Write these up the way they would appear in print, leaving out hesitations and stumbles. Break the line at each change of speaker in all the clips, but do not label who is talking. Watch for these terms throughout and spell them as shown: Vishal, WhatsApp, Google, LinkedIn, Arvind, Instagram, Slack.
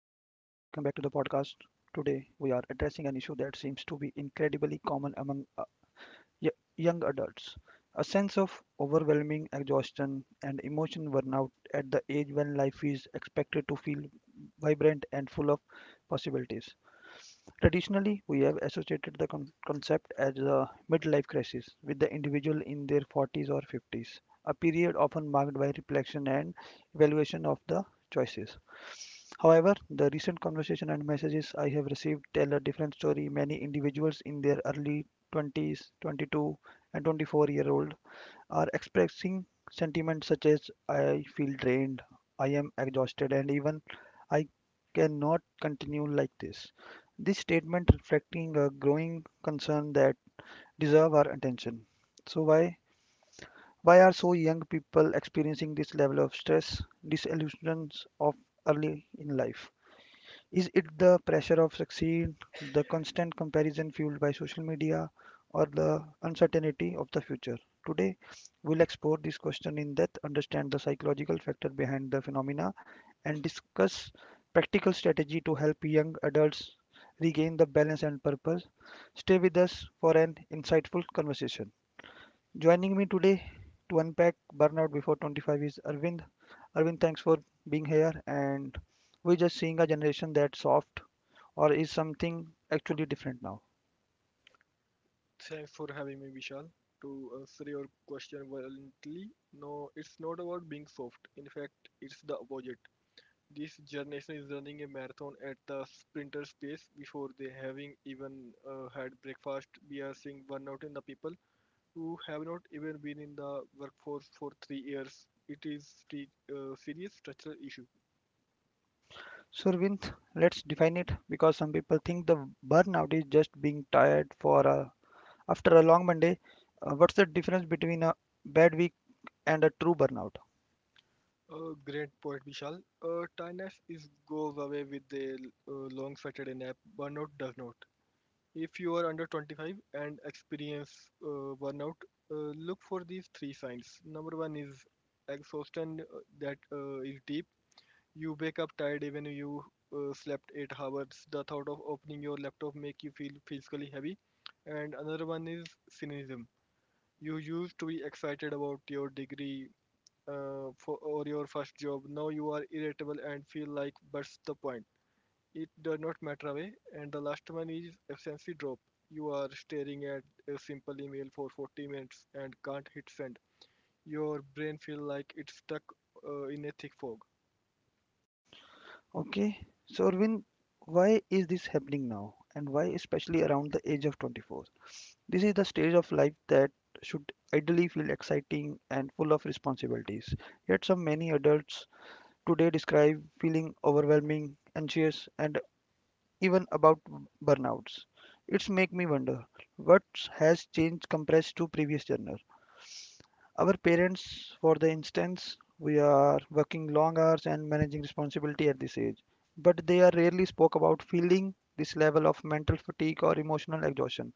podcast. Today, we are addressing an issue that seems to be incredibly common among y- young adults, a sense of overwhelming exhaustion and emotion burnout at the age when life is expected to feel vibrant and full of possibilities. Traditionally, we have associated the concept as a midlife crisis with the individual in their 40s or 50s, a period often marked by reflection and evaluation of the choices. However, the recent conversation and messages I have received tell a different story. Many individuals in their early 20s, 22, and 24-year-old are expressing sentiments such as I feel drained, I am exhausted, and even I cannot continue like this. This statement reflecting a growing concern that deserve our attention. So why are so young people experiencing this level of stress, disillusions of early in life? Is it the pressure of succeed, the constant comparison fueled by social media, or the uncertainty of the future? Today, we'll explore this question in depth, understand the psychological factor behind the phenomena, and discuss practical strategy to help young adults regain the balance and purpose. Stay with us for an insightful conversation. Joining me today to unpack burnout before 25 is Arvind. Arvind, thanks for being here. And we're just seeing a generation that's soft, or is something actually different now.
Thanks for having me, Vishal. To answer your question violently, no, it's not about being soft. In fact, it's the opposite. This generation is running a marathon at the sprinter pace before they having even had breakfast. We are seeing burnout in the people who have not even been in the workforce for 3 years. It is a serious structural issue.
So, Arvind, let's define it because some people think the burnout is just being tired after a long Monday. What's the difference between a bad week and a true burnout?
A great point, Vishal. Tiredness is goes away with a long Saturday nap. Burnout does not. If you are under 25 and experience burnout, look for these three signs. Number one is exhaustion that is deep. You wake up tired even you slept 8 hours. The thought of opening your laptop make you feel physically heavy. And another one is cynicism. You used to be excited about your degree or your first job. Now you are irritable and feel like what's the point? It does not matter away. And the last one is efficiency drop. You are staring at a simple email for 40 minutes and can't hit send. Your brain feels like it's stuck in a thick fog.
Okay, so Arvind, why is this happening now? And why, especially around the age of 24? This is the stage of life that should ideally feel exciting and full of responsibilities. Yet, some many adults today describe feeling overwhelming, anxious, and even about burnouts. It's make me wonder what has changed compared to previous genre. Our parents, for the instance, we are working long hours and managing responsibility at this age, but they are rarely spoke about feeling this level of mental fatigue or emotional exhaustion.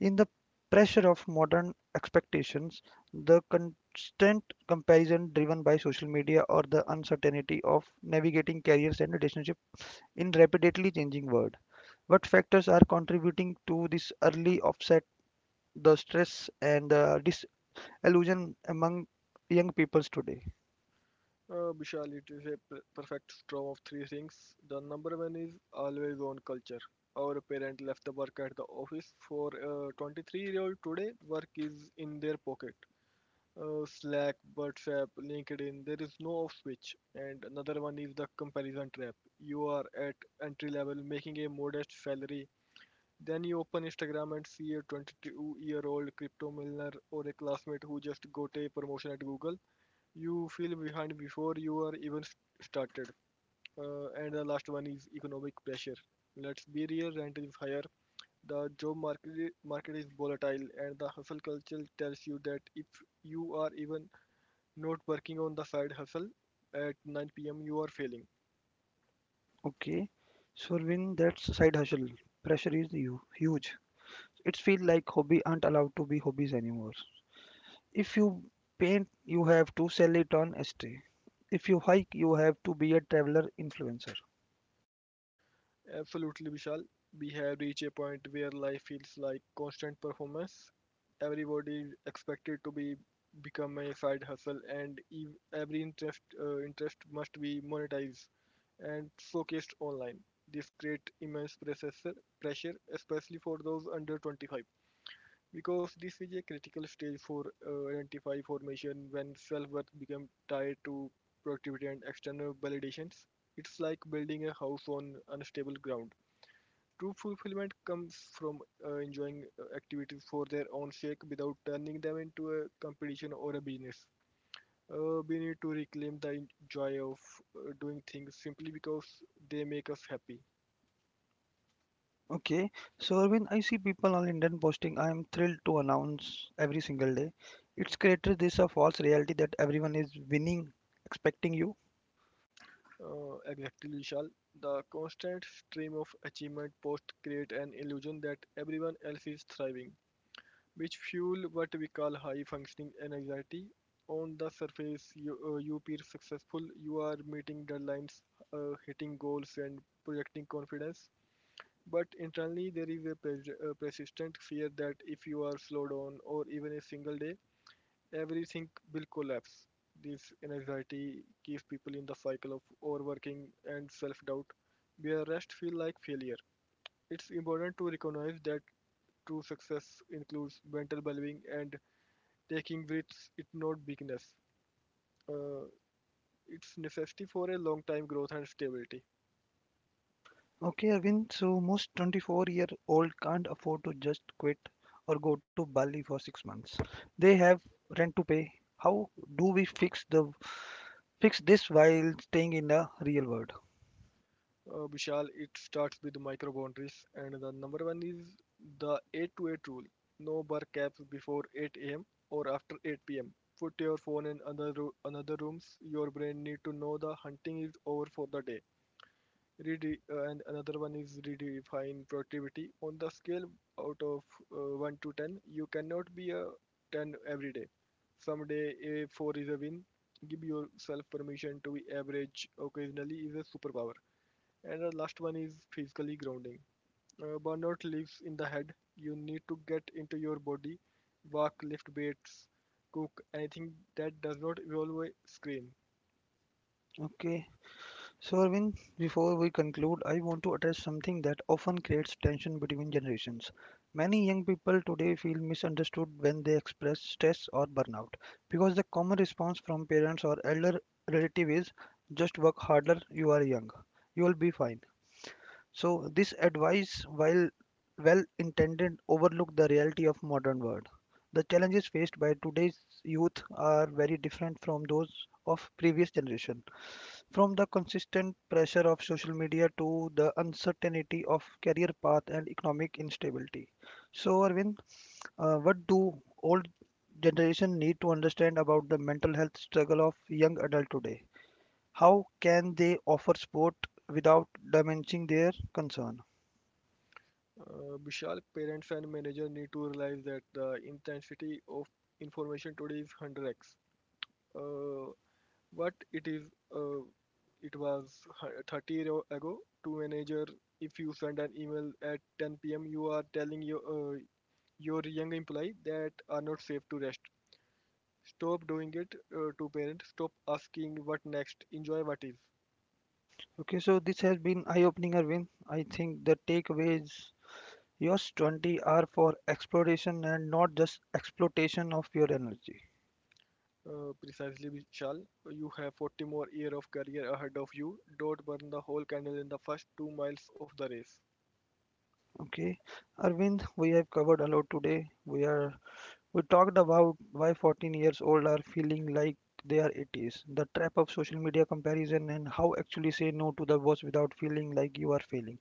In the pressure of modern expectations, the constant comparison driven by social media, or the uncertainty of navigating careers and relationships in rapidly changing world, what factors are contributing to this early offset, the stress and the disillusion among young peoples today?
Bishal, it is a perfect storm of three things. The number one is always on culture. Our parent left the work at the office for a 23-year-old today. Work is in their pocket. Slack, WhatsApp, LinkedIn. There is no off switch. And another one is the comparison trap. You are at entry level making a modest salary. Then you open Instagram and see a 22-year-old crypto millionaire or a classmate who just got a promotion at Google. You feel behind before you are started. And the last one is economic pressure. Let's be real, rent is higher. The job market is volatile, and the hustle culture tells you that if you are even not working on the side hustle at 9 p.m., you are failing.
Okay, so when that's side hustle, pressure is huge. It feels like hobby aren't allowed to be hobbies anymore. If you paint, you have to sell it on estate. If you hike, you have to be a traveler influencer.
Absolutely, Vishal. We have reached a point where life feels like constant performance. Everybody is expected to be become a side hustle, and every interest interest must be monetized and showcased online. This creates immense pressure, especially for those under 25, because this is a critical stage for identify formation when self-worth becomes tied to productivity and external validations. It's like building a house on unstable ground. True fulfillment comes from enjoying activities for their own sake without turning them into a competition or a business. We need to reclaim the joy of doing things simply because they make us happy.
Okay, so when I see people on LinkedIn posting, I am thrilled to announce every single day. It's created this a false reality that everyone is winning, expecting you.
Exactly, Vishal. The constant stream of achievement posts create an illusion that everyone else is thriving, which fuel what we call high functioning anxiety. On the surface, you appear successful, you are meeting deadlines, hitting goals, and projecting confidence. But internally, there is a persistent fear that if you are slow down or even a single day, everything will collapse. This anxiety keeps people in the cycle of overworking and self doubt, where rest feels like failure. It's important to recognize that true success includes mental well being and taking risks, it's not weakness. Uh, it's necessity for a long time growth and stability.
Okay, Arvind, so most 24-year-old can't afford to just quit or go to Bali for 6 months. They have rent to pay. How do we fix this while staying in the real world?
Vishal, it starts with micro boundaries, and the number one is the 8 to 8 rule. No bar caps before 8 a.m. or after 8 p.m. Put your phone in other another rooms. Your brain need to know the hunting is over for the day. And another one is redefine productivity on the scale out of 1 to 10. You cannot be a 10 every day. Someday a 4 is a win. Give yourself permission to be average occasionally is a superpower. And the last one is physically grounding. Burnout lives in the head. You need to get into your body, walk, lift weights, cook anything that does not involve a screen.
Okay, so, Arvind, before we conclude, I want to address something that often creates tension between generations. Many young people today feel misunderstood when they express stress or burnout because the common response from parents or elder relative is just work harder, you are young, you will be fine. So this advice, while well intended, overlook the reality of modern world. The challenges faced by today's youth are very different from those of previous generation. From the consistent pressure of social media to the uncertainty of career path and economic instability. So Arvind, what do old generation need to understand about the mental health struggle of young adult today? How can they offer support without diminishing their concern?
Vishal, parents and manager need to realize that the intensity of information today is 100x. Uh, what it is, uh, it was 30 year ago to manager. If you send an email at 10 p.m., you are telling your young employee that are not safe to rest. Stop doing it. To parents. Stop asking what next. Enjoy what is.
Okay, so this has been eye-opening, Arvind. I think the takeaways yours 20 are for exploration and not just exploitation of your energy.
Precisely, Vishal. You have 40 more years of career ahead of you. Don't burn the whole candle in the first 2 miles of the race.
Okay, Arvind, we have covered a lot today. We talked about why 14 years old are feeling like they are 80s, the trap of social media comparison, and how actually say no to the boss without feeling like you are failing.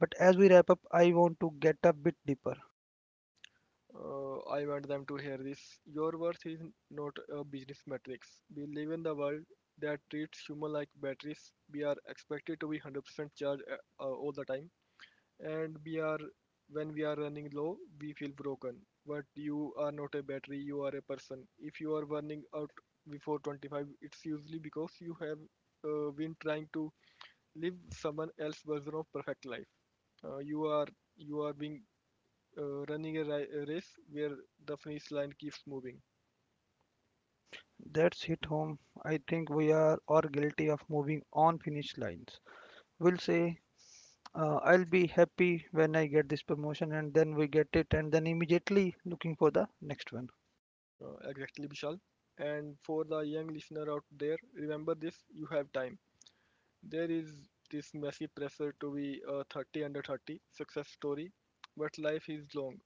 But as we wrap up, I want to get a bit deeper.
I want them to hear this. Your worth is not a business matrix. We live in the world that treats human like batteries. We are expected to be 100% charged all the time, and we are when we are running low we feel broken, but you are not a battery, you are a person. If you are burning out before 25, it's usually because you have been trying to live someone else's version of perfect life. uh, you are you are being running a race where the finish line keeps moving.
That's hit home. I think we are all guilty of moving on finish lines will say, I'll be happy when I get this promotion, and then we get it, and then immediately looking for the next one.
Exactly, vishal, and for the young listener out there remember this, you have time. There is this massive pressure to be a 30 under 30 success story, but life is long.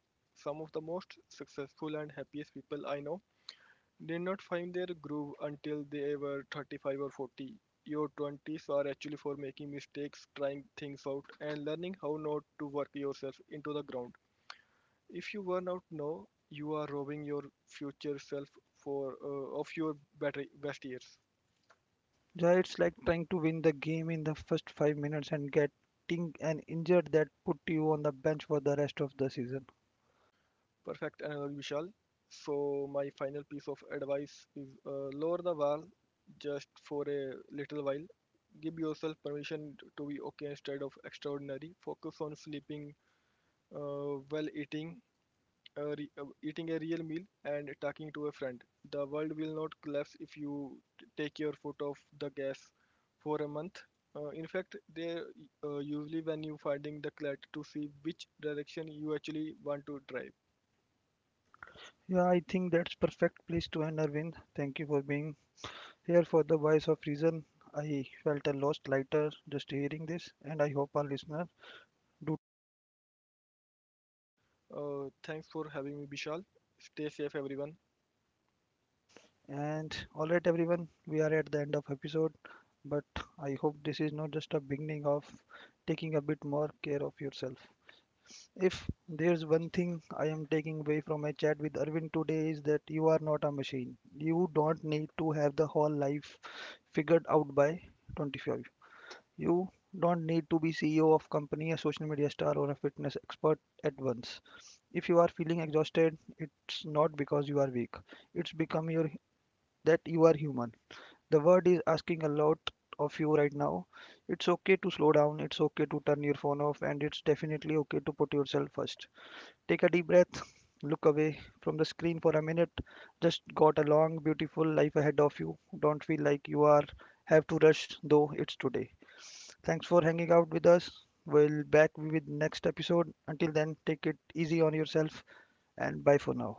Some of the most successful and happiest people I know did not find their groove until they were 35 or 40. Your 20s are actually for making mistakes, trying things out, and learning how not to work yourself into the ground. If you burn out now, you are robbing your future self for of your best years.
Yeah, it's like trying to win the game in the first 5 minutes and getting an injured that put you on the bench for the rest of the season.
Perfect analogy, Vishal. So my final piece of advice is lower the bar just for a little while. Give yourself permission to be okay instead of extraordinary. Focus on sleeping well, eating, eating a real meal, and talking to a friend. The world will not collapse if you take your foot off the gas for a month. In fact, they usually when you finding the clarity to see which direction you actually want to drive.
Yeah, I think that's perfect place to end, Arvind. Thank you for being here for the voice of reason. I felt a lot lighter just hearing this, and I hope our listeners do.
Thanks for having me, Bishal. Stay safe, everyone.
And all right, everyone, we are at the end of episode, but I hope this is not just a beginning of taking a bit more care of yourself. If there's one thing I am taking away from my chat with Arvind today is that you are not a machine. You don't need to have the whole life figured out by 25. You don't need to be CEO of company, a social media star, or a fitness expert at once. If you are feeling exhausted, it's not because you are weak. It's become your that you are human, the world is asking a lot of you right now. It's okay to slow down, it's okay to turn your phone off, and it's definitely okay to put yourself first. Take a deep breath, look away from the screen for a minute. Just got a long, beautiful life ahead of you. Don't feel like you are have to rush, though it's today. Thanks for hanging out with us. We'll back with next episode. Until then, take it easy on yourself and bye for now.